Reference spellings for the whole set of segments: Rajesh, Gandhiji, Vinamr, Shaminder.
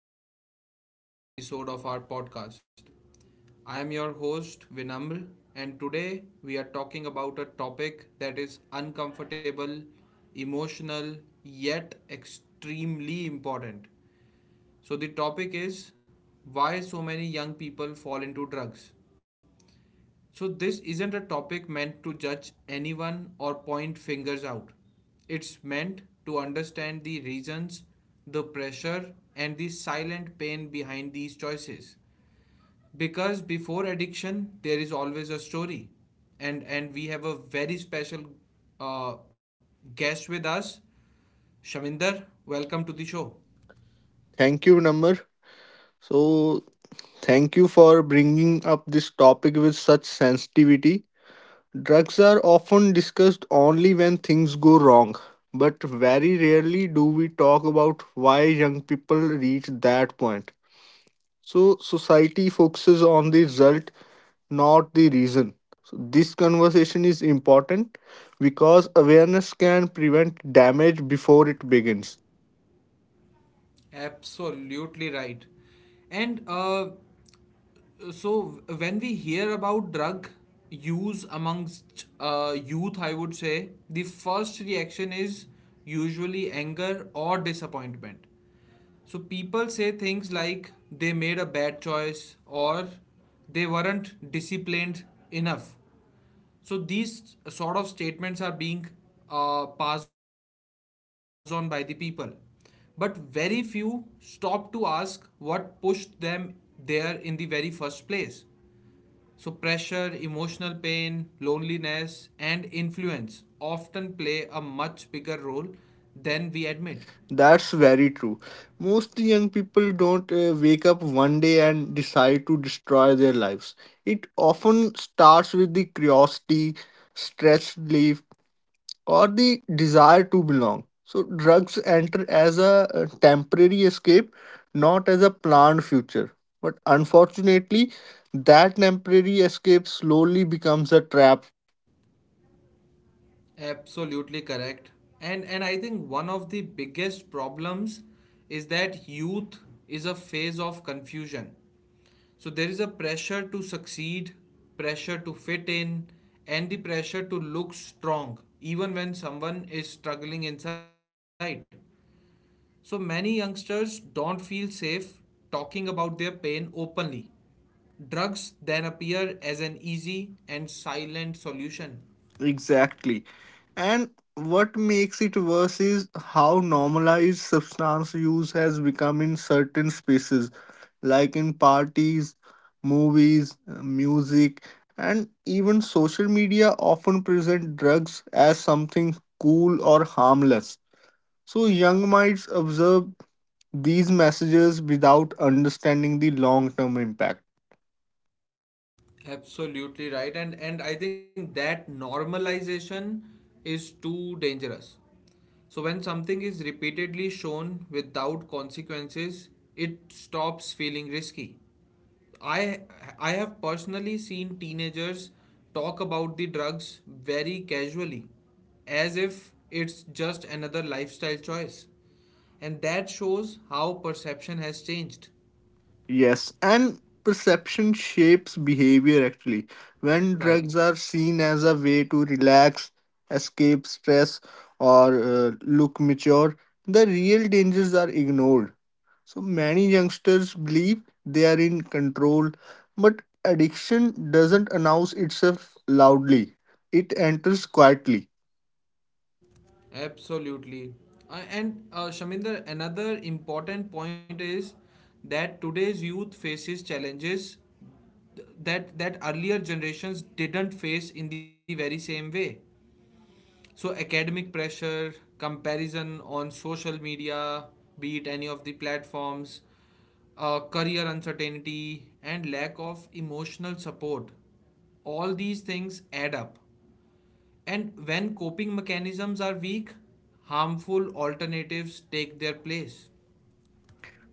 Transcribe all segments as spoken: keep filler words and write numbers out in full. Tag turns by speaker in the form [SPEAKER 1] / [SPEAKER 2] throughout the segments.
[SPEAKER 1] welcome back to another episode of our podcast. I am your host, Vinamr, and today we are talking about a topic that is uncomfortable, emotional, yet extremely important. So, the topic is why so many young people fall into drugs. So, this isn't a topic meant to judge anyone or point fingers out. It's meant to understand the reasons, the pressure, and the silent pain behind these choices. Because before addiction, there is always a story. And, and we have a very special uh, guest with us, Shaminder. Welcome to the show.
[SPEAKER 2] Thank you, Namr. So, thank you for bringing up this topic with such sensitivity. Drugs are often discussed only when things go wrong, but very rarely do we talk about why young people reach that point. So, society focuses on the result, not the reason. So, this conversation is important because awareness can prevent damage before it begins.
[SPEAKER 1] Absolutely right. And uh, So, when we hear about drug use amongst uh, youth, I would say the first reaction is usually anger or disappointment. So, people say things like they made a bad choice or they weren't disciplined enough. So, these sort of statements are being uh, passed on by the people. But very few stop to ask what pushed them there in the very first place. So, pressure, emotional pain, loneliness, and influence often play a much bigger role than we admit.
[SPEAKER 2] That's very true. Most young people don't uh, wake up one day and decide to destroy their lives. It often starts with the curiosity, stress relief, or the desire to belong. So, drugs enter as a uh, temporary escape, not as a planned future. But unfortunately, that temporary escape slowly becomes a trap.
[SPEAKER 1] Absolutely correct. And, and I think one of the biggest problems is that youth is a phase of confusion. So, there is a pressure to succeed, pressure to fit in, and the pressure to look strong, even when someone is struggling inside. So many youngsters don't feel safe talking about their pain openly. Drugs then appear as an easy and silent solution.
[SPEAKER 2] Exactly. And what makes it worse is how normalized substance use has become in certain spaces, like in parties, movies, uh, music, and even social media often present drugs as something cool or harmless. So young minds observe these messages without understanding the long term impact.
[SPEAKER 1] Absolutely right, and and I think that normalization is too dangerous. So when something is repeatedly shown without consequences, it stops feeling risky. I I have personally seen teenagers talk about the drugs very casually, as if it's just another lifestyle choice. And that shows how perception has changed.
[SPEAKER 2] Yes, and perception shapes behavior actually. When
[SPEAKER 1] Right.
[SPEAKER 2] drugs are seen as a way to relax, escape stress, or uh, look mature, the real dangers are ignored. So many youngsters believe they are in control, but addiction doesn't announce itself loudly, it enters quietly.
[SPEAKER 1] Absolutely. Uh, and uh, Shaminder, another important point is that today's youth faces challenges that that earlier generations didn't face in the very same way. So, academic pressure, comparison on social media, be it any of the platforms, uh, career uncertainty, and lack of emotional support. All these things add up. And when coping mechanisms are weak, harmful alternatives take their place.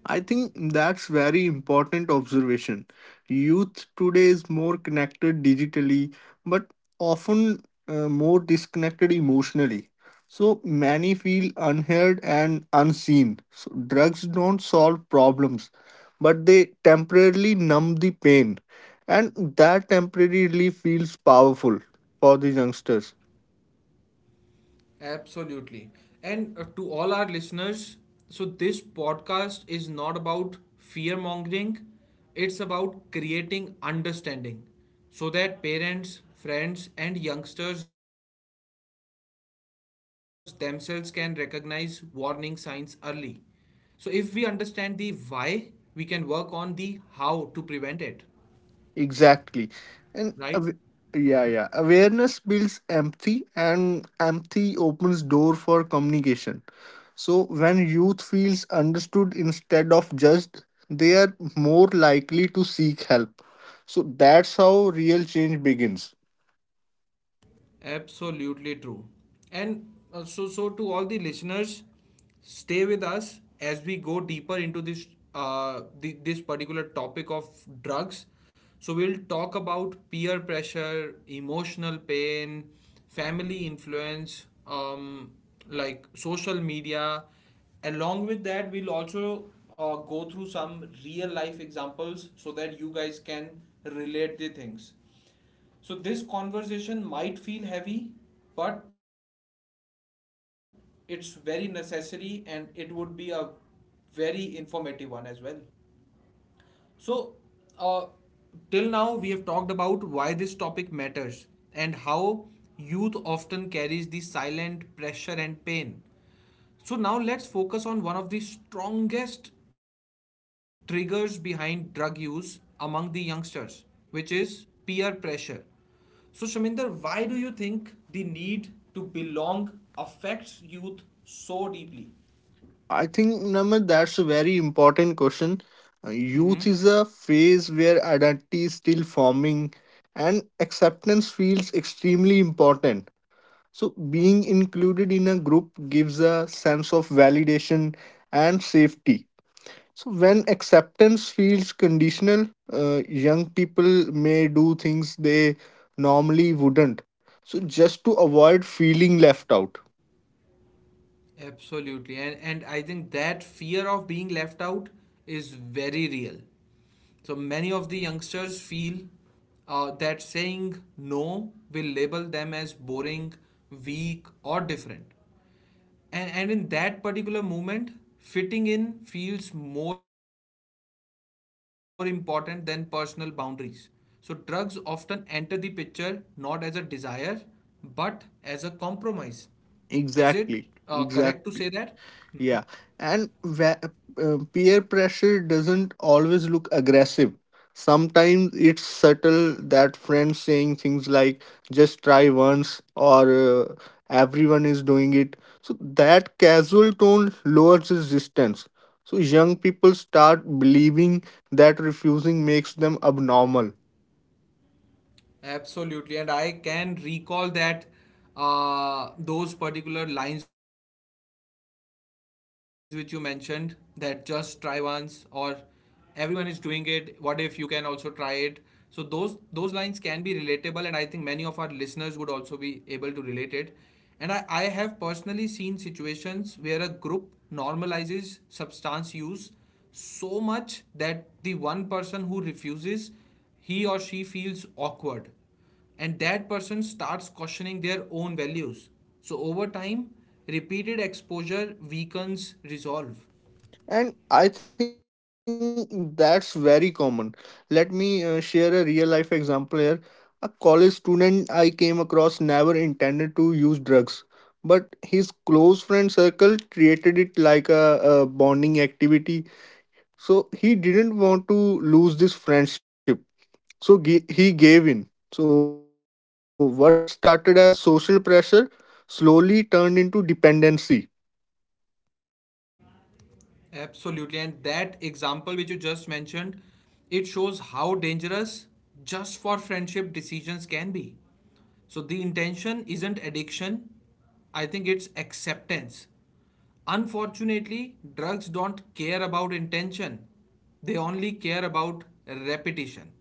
[SPEAKER 2] I think that's very important observation. Youth today is more connected digitally, but often uh, more disconnected emotionally. So many feel unheard and unseen. So drugs don't solve problems, but they temporarily numb the pain, and that temporary relief feels powerful for the youngsters.
[SPEAKER 1] Absolutely. And uh, to all our listeners, so this podcast is not about fear mongering, it's about creating understanding so that parents, friends, and youngsters themselves can recognize warning signs early. So, if we understand the why, we can work on the how to prevent it,
[SPEAKER 2] Exactly.
[SPEAKER 1] right?
[SPEAKER 2] And aw- yeah, yeah. awareness builds empathy and empathy opens door for communication. So when youth feels understood instead of judged, they are more likely to seek help. So that's how real change begins.
[SPEAKER 1] Absolutely true. And uh, so, so to all the listeners, stay with us as we go deeper into this uh, the, this particular topic of drugs. So we'll talk about peer pressure, emotional pain, family influence, um, like social media. Along with that, we'll also uh, go through some real life examples so that you guys can relate the things. So, this conversation might feel heavy, but it's very necessary and it would be a very informative one as well. So, uh, till now, we have talked about why this topic matters and how youth often carries the silent pressure and pain. So, now let's focus on one of the strongest triggers behind drug use among the youngsters, which is peer pressure. So, Shaminder, why do you think the need to belong affects youth so deeply?
[SPEAKER 2] I think Namit, that's a very important question. Uh, Youth is a phase where identity is still forming and acceptance feels extremely important. So, being included in a group gives a sense of validation and safety. So, when acceptance feels conditional, uh, young people may do things they normally wouldn't. So, just to avoid feeling left out.
[SPEAKER 1] Absolutely. And, and I think that fear of being left out is very real. So many of the youngsters feel uh, that saying no will label them as boring, weak, or different. And, and in that particular moment, fitting in feels more important than personal boundaries. So, drugs often enter the picture not as a desire but as a compromise. Is it uh, correct to
[SPEAKER 2] Exactly.
[SPEAKER 1] say that?
[SPEAKER 2] Exactly. Yeah, and va- uh, peer pressure doesn't always look aggressive. Sometimes it's subtle that friends saying things like just try once or uh, everyone is doing it. So that casual tone lowers resistance. So young people start believing that refusing makes them abnormal.
[SPEAKER 1] Absolutely, and I can recall that uh, those particular lines which you mentioned, that just try once or everyone is doing it. What if you can also try it? So those those lines can be relatable, and I think many of our listeners would also be able to relate it. And I, I have personally seen situations where a group normalizes substance use so much that the one person who refuses, he or she feels awkward and that person starts questioning their own values. So, over time, repeated exposure weakens resolve.
[SPEAKER 2] And I think that's very common. Let me uh, share a real life example here. A college student I came across never intended to use drugs, but his close friend circle treated it like a, a bonding activity. So he didn't want to lose this friendship. So ge- he gave in. So what started as social pressure slowly turned into dependency.
[SPEAKER 1] Absolutely. And that example which you just mentioned, it shows how dangerous just for friendship decisions can be. So, the intention isn't addiction, I think it's acceptance. Unfortunately, drugs don't care about intention, they only care about repetition.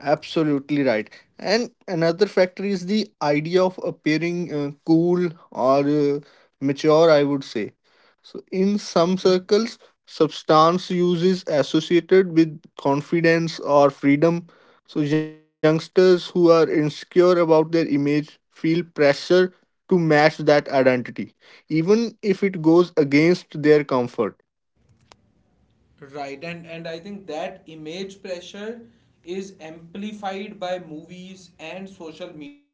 [SPEAKER 2] Absolutely right. And another factor is the idea of appearing uh, cool or uh, mature, I would say. So, in some
[SPEAKER 1] Mm-hmm.
[SPEAKER 2] circles, substance use is associated with confidence or freedom. So, youngsters who are insecure about their image feel pressure to match that identity, even if it goes against their comfort.
[SPEAKER 1] Right, and and I think that image pressure is amplified by movies and social media.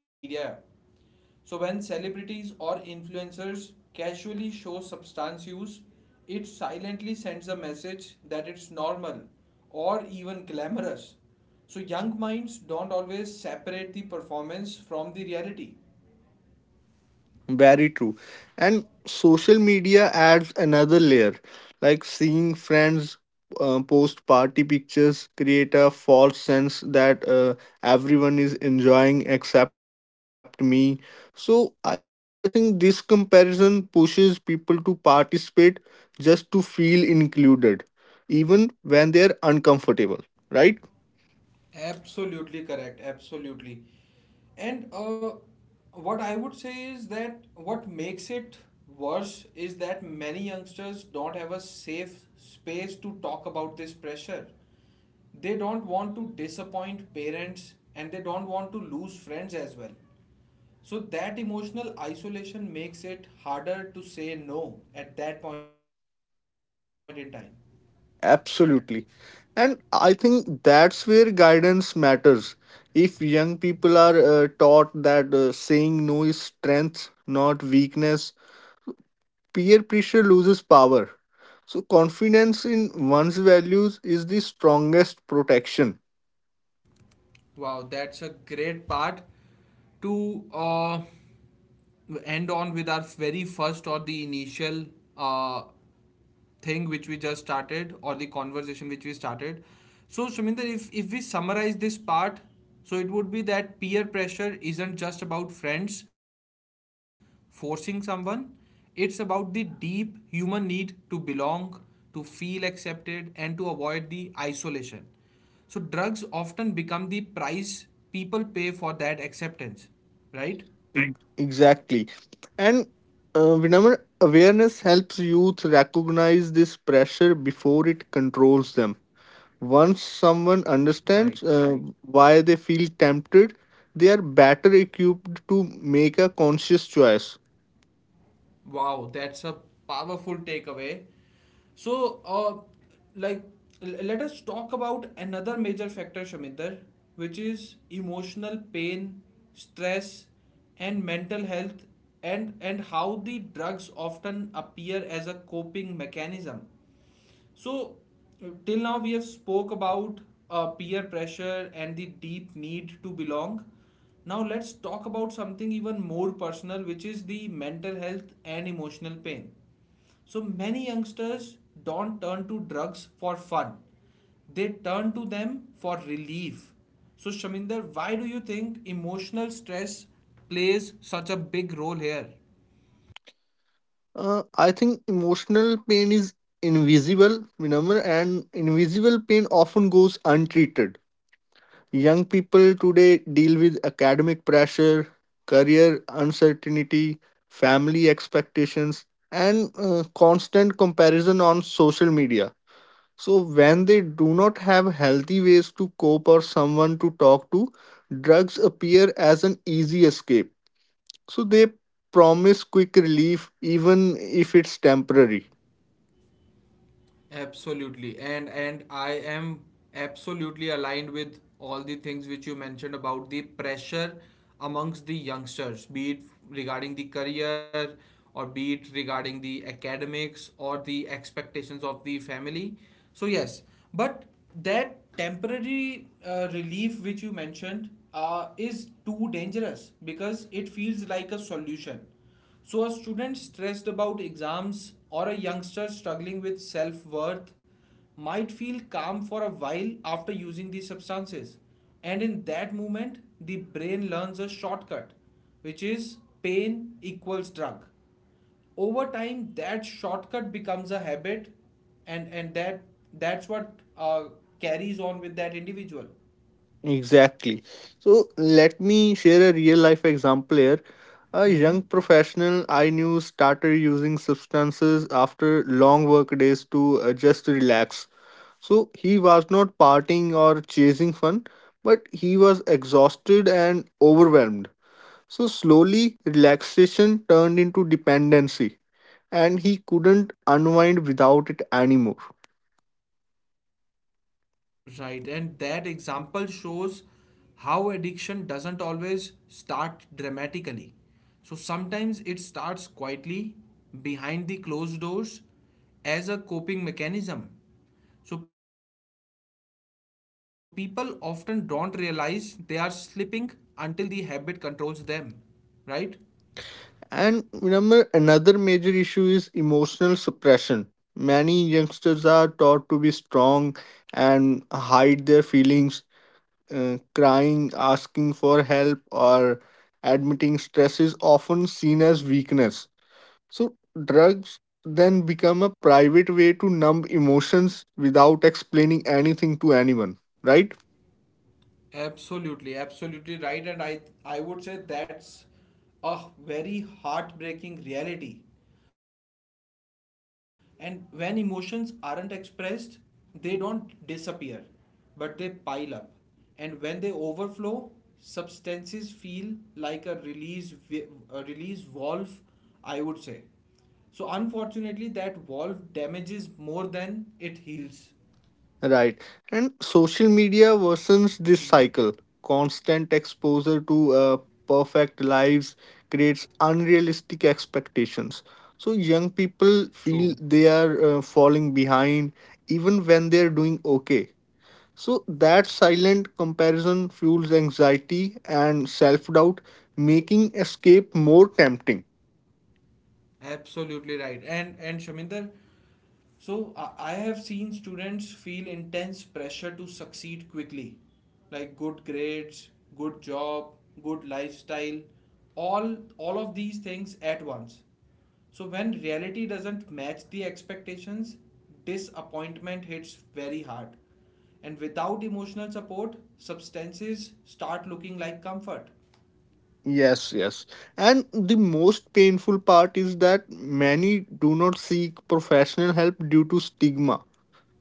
[SPEAKER 1] So when celebrities or influencers casually show substance use, it silently sends a message that it's normal or even glamorous. So young minds don't always separate the performance from the reality.
[SPEAKER 2] Very true. And social media adds another layer, like seeing friends uh, post party pictures create a false sense that uh, everyone is enjoying except me. So I think this comparison pushes people to participate just to feel included, even when they're uncomfortable, right?
[SPEAKER 1] Absolutely correct. Absolutely. And uh, what I would say is that what makes it worse is that many youngsters don't have a safe space to talk about this pressure. They don't want to disappoint parents and they don't want to lose friends as well. So that emotional isolation makes it harder to say no at that point in time.
[SPEAKER 2] Absolutely. And I think that's where guidance matters. If young people are uh, taught that uh, saying no is strength, not weakness, peer pressure loses power. So, confidence in one's values is the strongest protection.
[SPEAKER 1] Wow, that's a great part to uh, end on with our very first or the initial uh, thing which we just started, or the conversation which we started. So, Shaminder, if, if we summarize this part, so it would be that peer pressure isn't just about friends forcing someone, it's about the deep human need to belong, to feel accepted, and to avoid the isolation. So, drugs often become the price people pay for that acceptance, right?
[SPEAKER 2] E- Exactly. And uh, Vinamr, awareness helps youth recognize this pressure before it controls them. Once someone
[SPEAKER 1] Right.
[SPEAKER 2] understands uh, why they feel tempted, they are better equipped to make a conscious choice.
[SPEAKER 1] Wow, that's a powerful takeaway. So, uh, like, l- let us talk about another major factor, Shaminder, which is emotional pain, stress, and mental health, and and how the drugs often appear as a coping mechanism. So till now we have spoke about uh, peer pressure and the deep need to belong. Now let's talk about something even more personal, which is the mental health and emotional pain. So many youngsters don't turn to drugs for fun. They turn to them for relief. So Shaminder, why do you think emotional stress plays such a big role here?
[SPEAKER 2] Uh, I think emotional pain is invisible, Vinamr, and invisible pain often goes untreated. Young people today deal with academic pressure, career uncertainty, family expectations, and uh, constant comparison on social media. So, when they do not have healthy ways to cope or someone to talk to, drugs appear as an easy escape. So, they promise quick relief even if it's temporary.
[SPEAKER 1] Absolutely. And and I am absolutely aligned with all the things which you mentioned about the pressure amongst the youngsters, be it regarding the career or be it regarding the academics or the expectations of the family. So yes, but that temporary uh, relief which you mentioned uh, is too dangerous because it feels like a solution. So, a student stressed about exams or a youngster struggling with self worth might feel calm for a while after using these substances. And in that moment, the brain learns a shortcut, which is pain equals drug. Over time, that shortcut becomes a habit, and, and that that's what uh, carries on with that individual.
[SPEAKER 2] Exactly. So, let me share a real life example here. A
[SPEAKER 1] Mm-hmm.
[SPEAKER 2] young professional I knew started using substances after long work days to uh, just relax. So, he was not partying or chasing fun, but he was exhausted and overwhelmed. So slowly, relaxation turned into dependency, and he couldn't unwind without it anymore.
[SPEAKER 1] Right, and that example shows how addiction doesn't always start dramatically. So sometimes it starts quietly behind the closed doors as a coping mechanism. So people often don't realize they are slipping until the habit controls them, right?
[SPEAKER 2] And remember, another major issue is emotional suppression. Many youngsters are taught to be strong and hide their feelings. Uh, crying, asking for help, or admitting stress is often seen as weakness. So drugs then become a private way to numb emotions without explaining anything to anyone, right?
[SPEAKER 1] Absolutely, absolutely right. And I I would say that's a very heartbreaking reality. And when emotions aren't expressed, they don't disappear, but they pile up. And when they overflow, substances feel like a release vi- a release valve, I would say. So unfortunately, that valve damages more than it heals.
[SPEAKER 2] Right. And social
[SPEAKER 1] Hmm.
[SPEAKER 2] media worsens this cycle. Constant exposure to uh, perfect lives creates unrealistic expectations. So young people
[SPEAKER 1] True.
[SPEAKER 2] feel they are uh, falling behind even when they're doing okay. So that silent comparison fuels anxiety and self doubt, making escape more tempting.
[SPEAKER 1] Absolutely right. And and Shaminder, so I, I have seen students feel intense pressure to succeed quickly, like good grades, good job, good lifestyle, all all of these things at once. So when reality doesn't match the expectations, disappointment hits very hard. And without emotional support, substances start looking like comfort.
[SPEAKER 2] Yes, yes. And the most painful part is that many do not seek professional help due to stigma.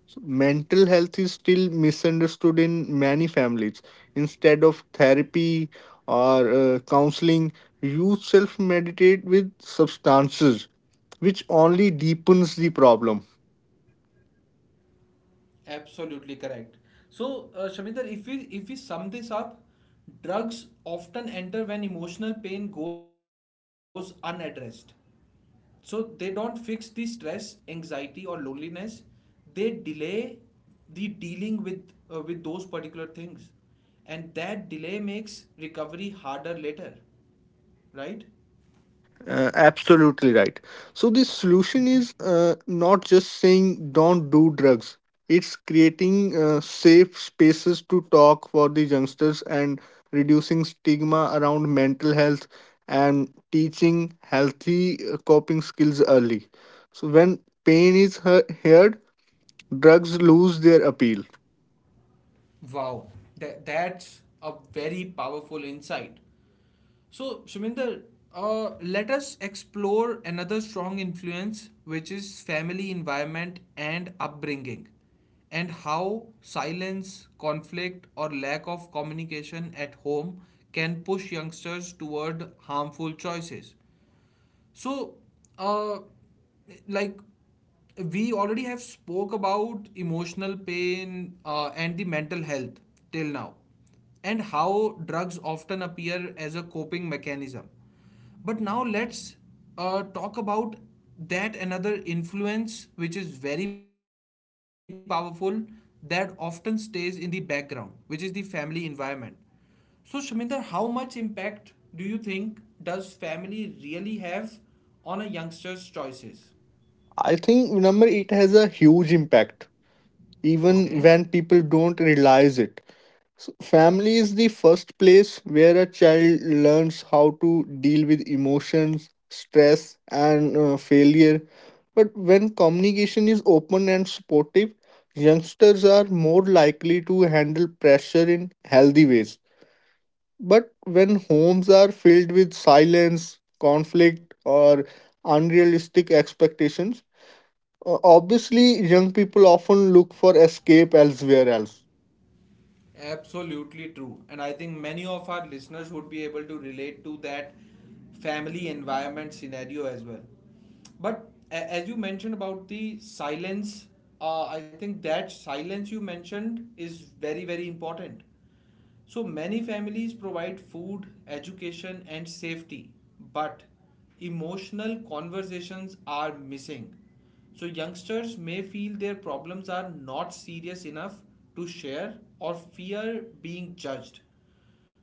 [SPEAKER 2] So mental health is still misunderstood in many families. Instead of therapy or uh, counseling, youth self meditate with substances, which only deepens the problem.
[SPEAKER 1] Absolutely correct. So, uh, Shaminder, if we if we sum this up, drugs often enter when emotional pain goes unaddressed. So they don't fix the stress, anxiety, or loneliness. They delay the dealing with uh, with those particular things, and that delay makes recovery harder later, right?
[SPEAKER 2] Uh, absolutely right. So the solution
[SPEAKER 1] Mhm.
[SPEAKER 2] is uh, not just saying don't do drugs. It's creating uh, safe spaces to talk for the youngsters and reducing stigma around mental health and teaching healthy uh, coping skills early. So when pain is he- heard, drugs lose their appeal.
[SPEAKER 1] Wow, that, that's a very powerful insight. So, Shuminder, uh, let us explore another strong influence, which is family environment and upbringing, and how silence, conflict, or lack of communication at home can push youngsters toward harmful choices. So uh like we already have spoke about emotional pain uh, and the mental health till now, and how drugs often appear as a coping mechanism. But now let's uh, talk about that another influence which is very powerful, that often stays in the background, which is the family environment. So, Shaminder, how much impact do you think does family really have on a youngster's choices?
[SPEAKER 2] I think number it has a huge impact
[SPEAKER 1] Okay,
[SPEAKER 2] even when people don't realize it. So family is the first place where a child learns how to deal with emotions, stress, and uh, failure. But when communication is open and supportive, youngsters are more likely to handle pressure in healthy ways. But when homes are filled with silence, conflict, or unrealistic expectations, uh, obviously young people often look for escape elsewhere else.
[SPEAKER 1] absolutely true. And I think many of our listeners would be able to relate to that family environment scenario as well. But a- as you mentioned about the silence, uh, I think that silence you mentioned is very, very important. So many families provide food, education, and safety, but emotional conversations are missing. So youngsters may feel their problems are not serious enough to share or fear being judged.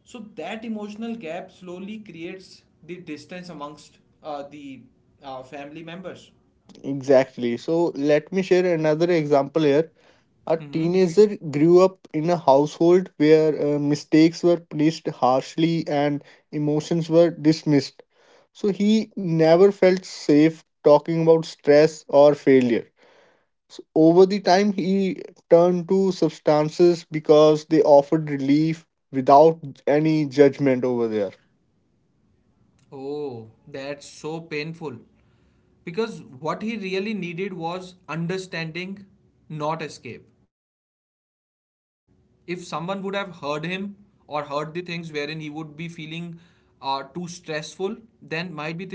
[SPEAKER 1] So that emotional gap slowly creates the distance amongst uh, the uh, family members.
[SPEAKER 2] Exactly. So let me share another example here. A
[SPEAKER 1] Mm-hmm.
[SPEAKER 2] teenager grew up in a household where uh, mistakes were punished harshly and emotions were dismissed. So he never felt safe talking about stress or failure. So over the time, he turned to substances because they offered relief without any judgment over there.
[SPEAKER 1] Oh, that's so painful. Because what he really needed was understanding, not escape. If someone would have heard him or heard the things wherein he would be feeling uh, too stressful, then might be the things were different.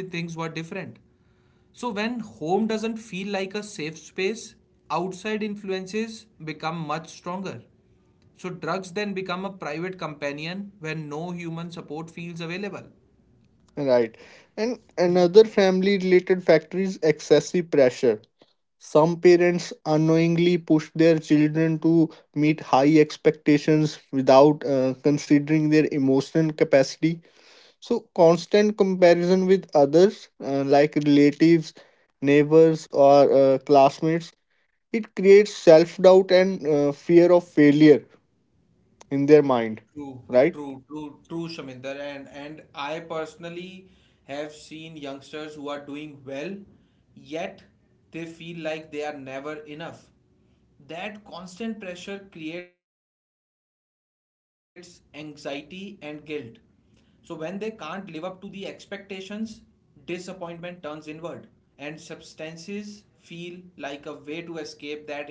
[SPEAKER 1] So when home doesn't feel like a safe space, outside influences become much stronger. So drugs then become a private companion when no human support feels available.
[SPEAKER 2] Right. And another family related factor is excessive pressure. Some parents unknowingly push their children to meet high expectations without uh, considering their emotional capacity. So, constant comparison with others, uh, like relatives, neighbors, or uh, classmates, it creates self doubt and uh, fear of failure in their mind,
[SPEAKER 1] True,
[SPEAKER 2] right?
[SPEAKER 1] true, true, true, Shaminder. And and I personally have seen youngsters who are doing well, yet they feel like they are never enough. That constant pressure creates anxiety and guilt. So when they can't live up to the expectations, disappointment turns inward, and substances feel like a way to escape that internal voice.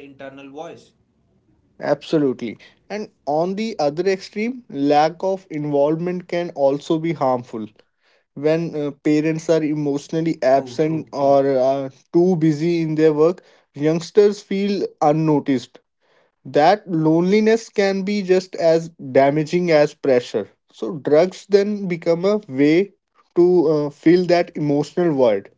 [SPEAKER 2] Absolutely. And on the other extreme, lack of involvement can also be harmful when uh,
[SPEAKER 1] True,
[SPEAKER 2] parents
[SPEAKER 1] true.
[SPEAKER 2] are emotionally absent or are too busy in their work, youngsters feel unnoticed. That loneliness can be just as damaging as pressure. So, drugs then become a way to uh, fill that emotional void.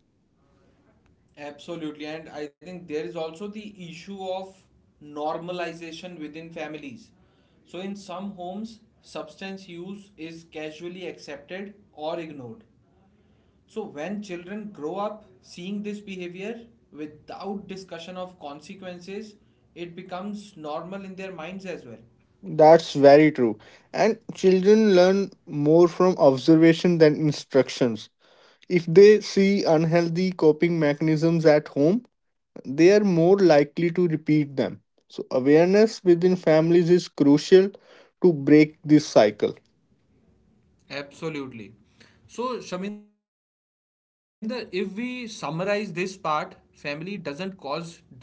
[SPEAKER 1] Absolutely, and I think there is also the issue of normalization within families. So, in some homes, substance use is casually accepted or ignored. So, when children grow up seeing this behavior without discussion of consequences, it becomes normal in their minds as well.
[SPEAKER 2] That's very true. And children learn more from observation than instructions. If they see unhealthy coping mechanisms at home, they are more likely to repeat them. So, awareness within families is crucial to break this cycle.
[SPEAKER 1] Absolutely. So, Shaminder, if we summarize this part, family doesn't cause drug use directly,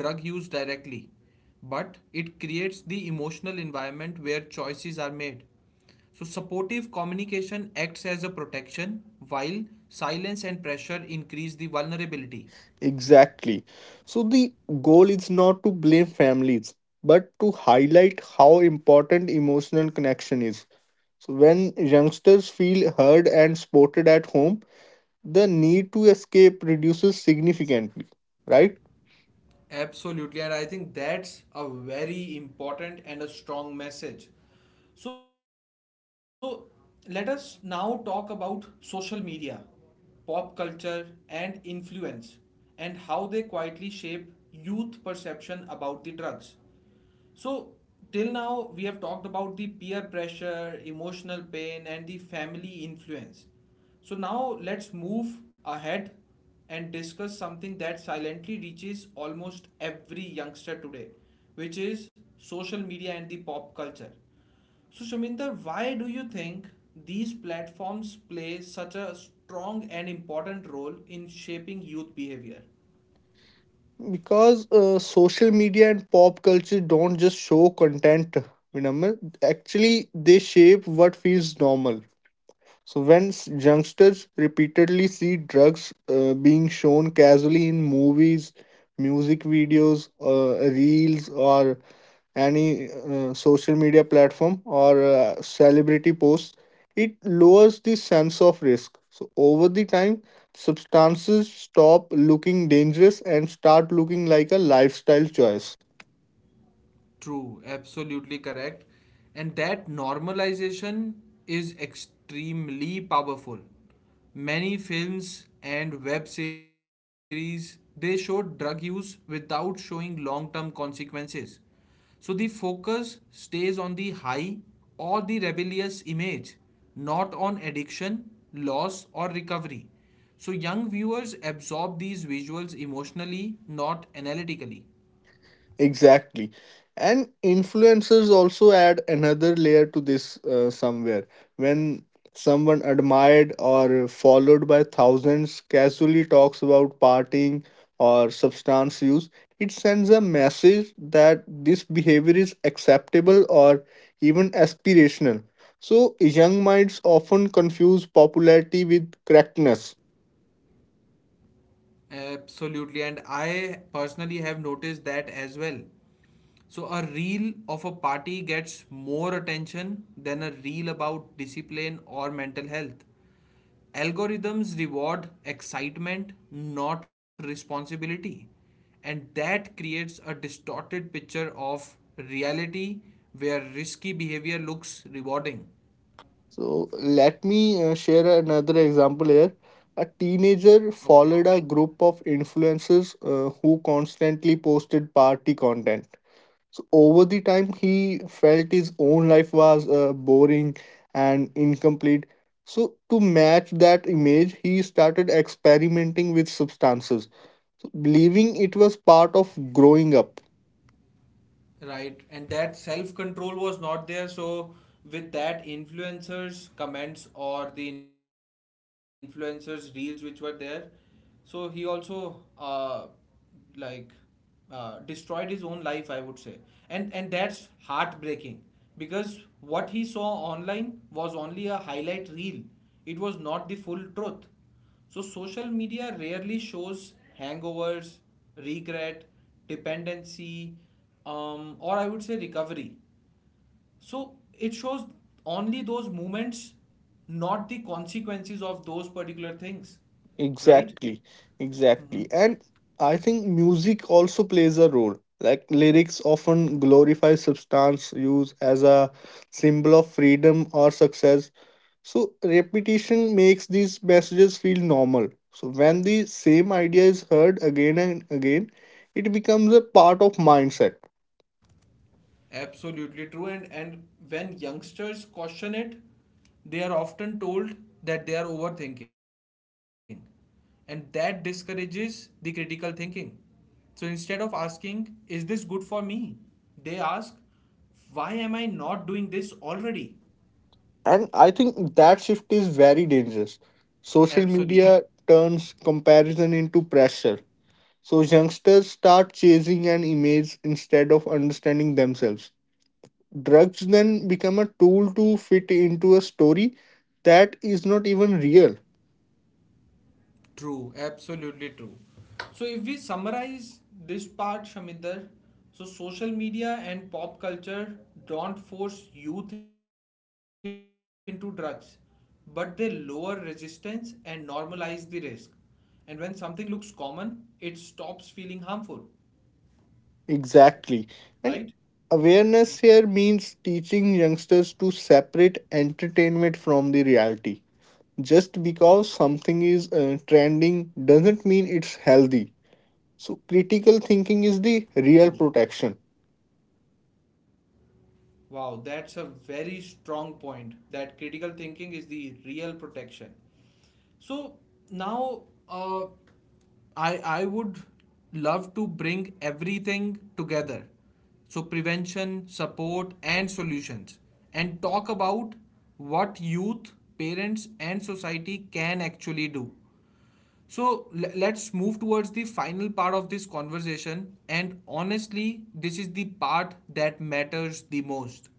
[SPEAKER 1] but it creates the emotional environment where choices are made. So, supportive communication acts as a protection, while silence and pressure increase the vulnerability.
[SPEAKER 2] Exactly. So, the goal is not to blame families, but to highlight how important emotional connection is. So, when youngsters feel heard and supported at home, the need to escape reduces significantly, right?
[SPEAKER 1] Absolutely, and I think that's a very important and a strong message. So, let us now talk about social media, pop culture, and influence, and how they quietly shape youth perception about the drugs. So, till now, we have talked about the peer pressure, emotional pain, and the family influence. So, now let's move ahead and discuss something that silently reaches almost every youngster today, which is social media and the pop culture. So, Shaminder, why do you think these platforms play such a strong and important role in shaping youth behavior?
[SPEAKER 2] Because uh, social media and pop culture don't just show content, Vinamr. Actually, they shape what feels normal. So when s- youngsters repeatedly see drugs uh, being shown casually in movies, music videos, uh, reels, or any uh, social media platform or uh, celebrity posts, it lowers the sense of risk. So over the time, substances stop looking dangerous and start looking like a lifestyle choice.
[SPEAKER 1] True, absolutely correct. And that normalization is extremely powerful. Many films and web series they show drug use without showing long-term consequences. So the focus stays on the high or the rebellious image, not on addiction, loss or recovery. So young viewers absorb these visuals emotionally, not analytically.
[SPEAKER 2] Exactly. And influencers also add another layer to this uh, somewhere. When someone admired or followed by thousands casually talks about partying or substance use, it sends a message that this behavior is acceptable or even aspirational. So, young minds often confuse popularity with correctness.
[SPEAKER 1] Absolutely, and I personally have noticed that as well. So, a reel of a party gets more attention than a reel about discipline or mental health. Algorithms reward excitement, not responsibility, and that creates a distorted picture of reality where risky behavior looks rewarding.
[SPEAKER 2] So let me uh, share another example here. A teenager
[SPEAKER 1] Okay.
[SPEAKER 2] followed a group of influencers uh, who constantly posted party content. So over the time, he felt his own life was uh, boring and incomplete. So to match that image, he started experimenting with substances, so believing it was part of growing up.
[SPEAKER 1] Right, and that self control was not there. So, with that, influencers' comments or the influencers' reels which were there, so he also uh, like uh, destroyed his own life, I would say, and and that's heartbreaking because what he saw online was only a highlight reel. It was not the full truth. So, social media rarely shows hangovers, regret, dependency, um, or I would say recovery. So, it shows only those moments, not the consequences of those particular things, right?
[SPEAKER 2] Exactly, exactly. And I think music also plays a role. Like lyrics often glorify substance use as a symbol of freedom or success. So repetition makes these messages feel normal. So when the same idea is heard again and again, it becomes a part of mindset.
[SPEAKER 1] Absolutely true. And, and when youngsters caution it, they are often told that they are overthinking. And that discourages the critical thinking. So instead of asking, is this good for me? They ask, why am I not doing this already?
[SPEAKER 2] And I think that shift is very dangerous. Social
[SPEAKER 1] Absolutely.
[SPEAKER 2] media turns comparison into pressure. So youngsters start chasing an image instead of understanding themselves. Drugs then become a tool to fit into a story that is not even real.
[SPEAKER 1] True, absolutely true. So, if we summarize this part, Shamindar, so social media and pop culture don't force youth into drugs, but they lower resistance and normalize the risk. And when something looks common, it stops feeling harmful, right?
[SPEAKER 2] Exactly. And awareness here means teaching youngsters to separate entertainment from the reality. Just because something is uh, trending doesn't mean it's healthy. So critical thinking
[SPEAKER 1] True.
[SPEAKER 2] is the real protection.
[SPEAKER 1] Wow, that's a very strong point that critical thinking is the real protection. So now uh, I I would love to bring everything together. So prevention, support and solutions and talk about what youth, parents and society can actually do. So let's move towards the final part of this conversation. And honestly, this is the part that matters the most.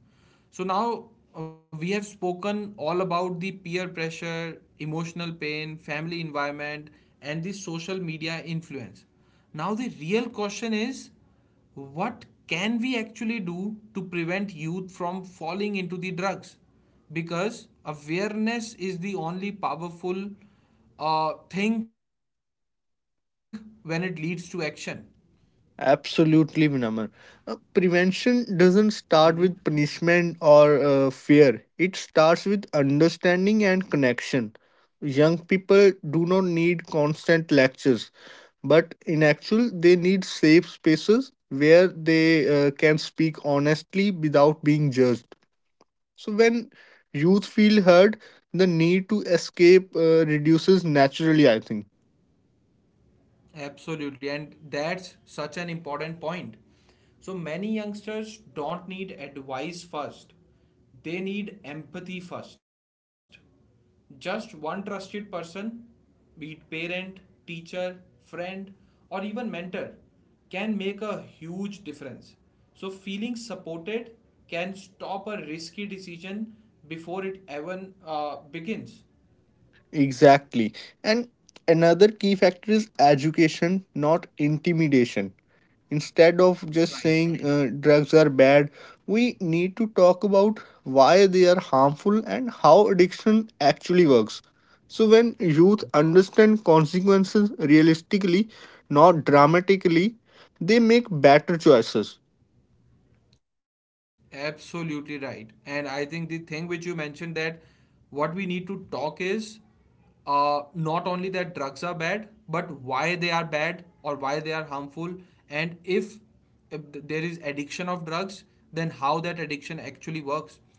[SPEAKER 1] So now uh, we have spoken all about the peer pressure, emotional pain, family environment, and the social media influence. Now the real question is what can we actually do to prevent youth from falling into the drugs? Because awareness is the only powerful uh, thing when it leads to action.
[SPEAKER 2] Absolutely, Vinamr. Uh, prevention doesn't start with punishment or uh, fear. It starts with understanding and connection. Young people do not need constant lectures, but in actual, they need safe spaces where they uh, can speak honestly without being judged. So when youth feel heard, the need to escape uh, reduces naturally. I think.
[SPEAKER 1] Absolutely, and that's such an important point. So many youngsters don't need advice first, they need empathy first. Just one trusted person, be it parent, teacher, friend, or even mentor, can make a huge difference. So feeling supported can stop a risky decision before it even uh, begins.
[SPEAKER 2] Exactly. And another key factor is education, not intimidation. Instead of just
[SPEAKER 1] Right.
[SPEAKER 2] saying uh, drugs are bad, we need to talk about why they are harmful and how addiction actually works. So, when youth understand consequences realistically, not dramatically, they make better choices.
[SPEAKER 1] Absolutely right. And I think the thing which you mentioned that what we need to talk is uh, not only that drugs are bad, but why they are bad or why they are harmful. And if, if th- there is addiction of drugs, then how that addiction actually works.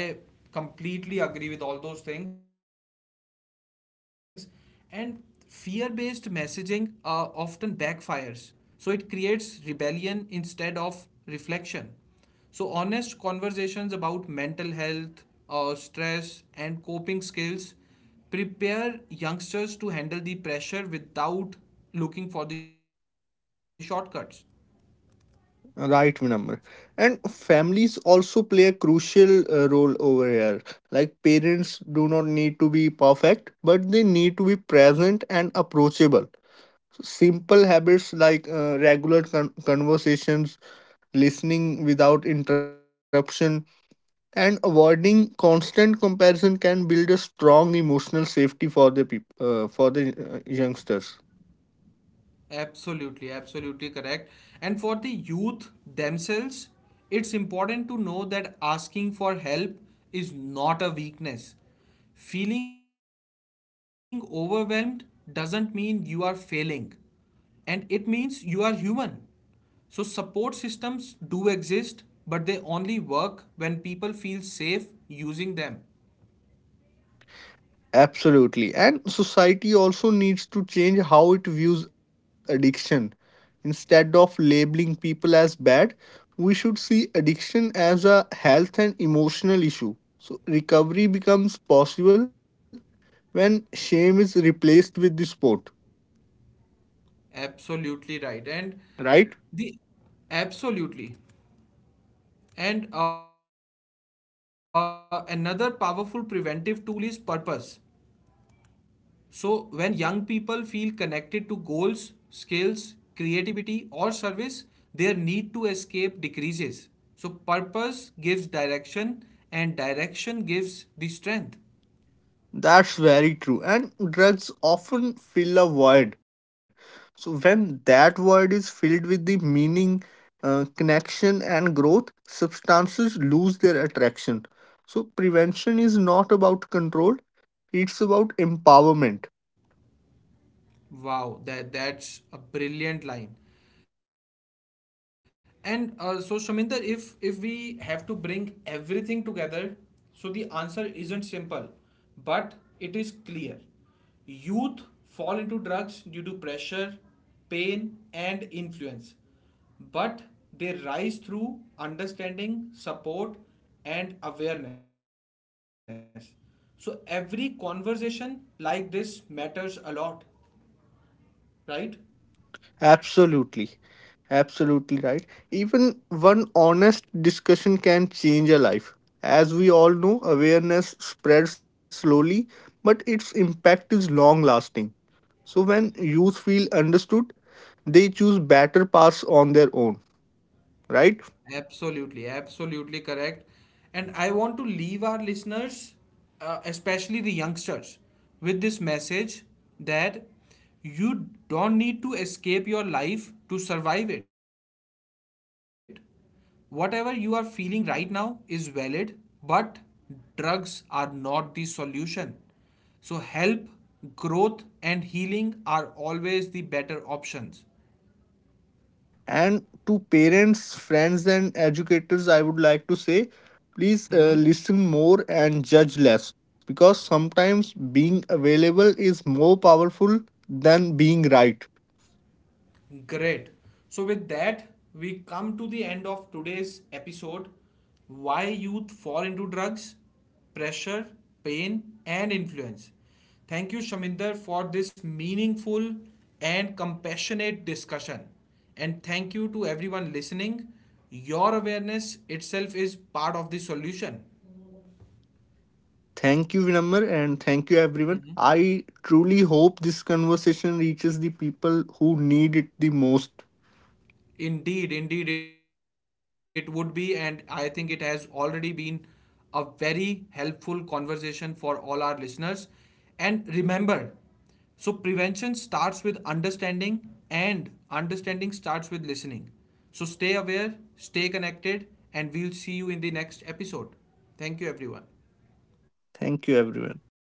[SPEAKER 1] I completely agree with all those things. And fear based messaging uh, often backfires. So it creates rebellion instead of reflection so, honest conversations about mental health, uh, stress, and coping skills prepare youngsters to handle the pressure without looking for the shortcuts.
[SPEAKER 2] Right, Vinamr. And families also play a crucial uh, role over here. Like parents do not need to be perfect, but they need to be present and approachable. So simple habits like uh, regular con- conversations, listening without interruption, and avoiding constant comparison can build a strong emotional safety for the people, uh, for the uh, youngsters.
[SPEAKER 1] Absolutely, absolutely correct. And for the youth themselves, it's important to know that asking for help is not a weakness. Feeling overwhelmed doesn't mean you are failing, and it means you are human. So, support systems do exist, but they only work when people feel safe using them.
[SPEAKER 2] Absolutely. And society also needs to change how it views addiction. Instead of labeling people as bad, we should see addiction as a health and emotional issue. So recovery becomes possible when shame is replaced with the sport,
[SPEAKER 1] Absolutely right. And
[SPEAKER 2] right?
[SPEAKER 1] the absolutely. And uh, another powerful preventive tool is purpose. So, when young people feel connected to goals, skills, creativity, or service, their need to escape decreases. So, purpose gives direction, and direction gives the strength.
[SPEAKER 2] That's very true. And drugs often fill a void. So, when that void is filled with the meaning, uh, connection, and growth, substances lose their attraction. So, prevention is not about control, it's about empowerment.
[SPEAKER 1] Wow, that that's a brilliant line. And uh, so Shaminder, if if we have to bring everything together, so the answer isn't simple, but it is clear. Youth fall into drugs due to pressure, pain, and influence, but they rise through understanding, support, and awareness. So every conversation like this matters a lot, right?
[SPEAKER 2] Absolutely. Absolutely right. Even one honest discussion can change a life. As we all know, awareness spreads slowly, but its impact is long lasting. So when youth feel understood, they choose better paths on their own, right?
[SPEAKER 1] Absolutely, absolutely correct. And I want to leave our listeners, uh, especially the youngsters, with this message that you don't need to escape your life to survive it. Whatever you are feeling right now is valid, but drugs are not the solution. So, help, growth, and healing are always the better options.
[SPEAKER 2] And to parents, friends, and educators, I would like to say, please
[SPEAKER 1] Mm-hmm.
[SPEAKER 2] uh, listen more and judge less because sometimes being available is more powerful than being right.
[SPEAKER 1] Great. So, with that, we come to the end of today's episode Why Youth Fall into Drugs, Pressure, Pain, and Influence. Thank you, Shaminder, for this meaningful and compassionate discussion. And thank you to everyone listening. Your awareness itself is part of the solution.
[SPEAKER 2] Thank you, Vinamar, and thank you, everyone. I truly hope this conversation reaches the people who need it the most.
[SPEAKER 1] Indeed, indeed, it would be, and I think it has already been a very helpful conversation for all our listeners. And remember, so prevention starts with understanding, and understanding starts with listening. So stay aware, stay connected, and we'll see you in the next episode. Thank you, everyone.
[SPEAKER 2] Thank you, everyone.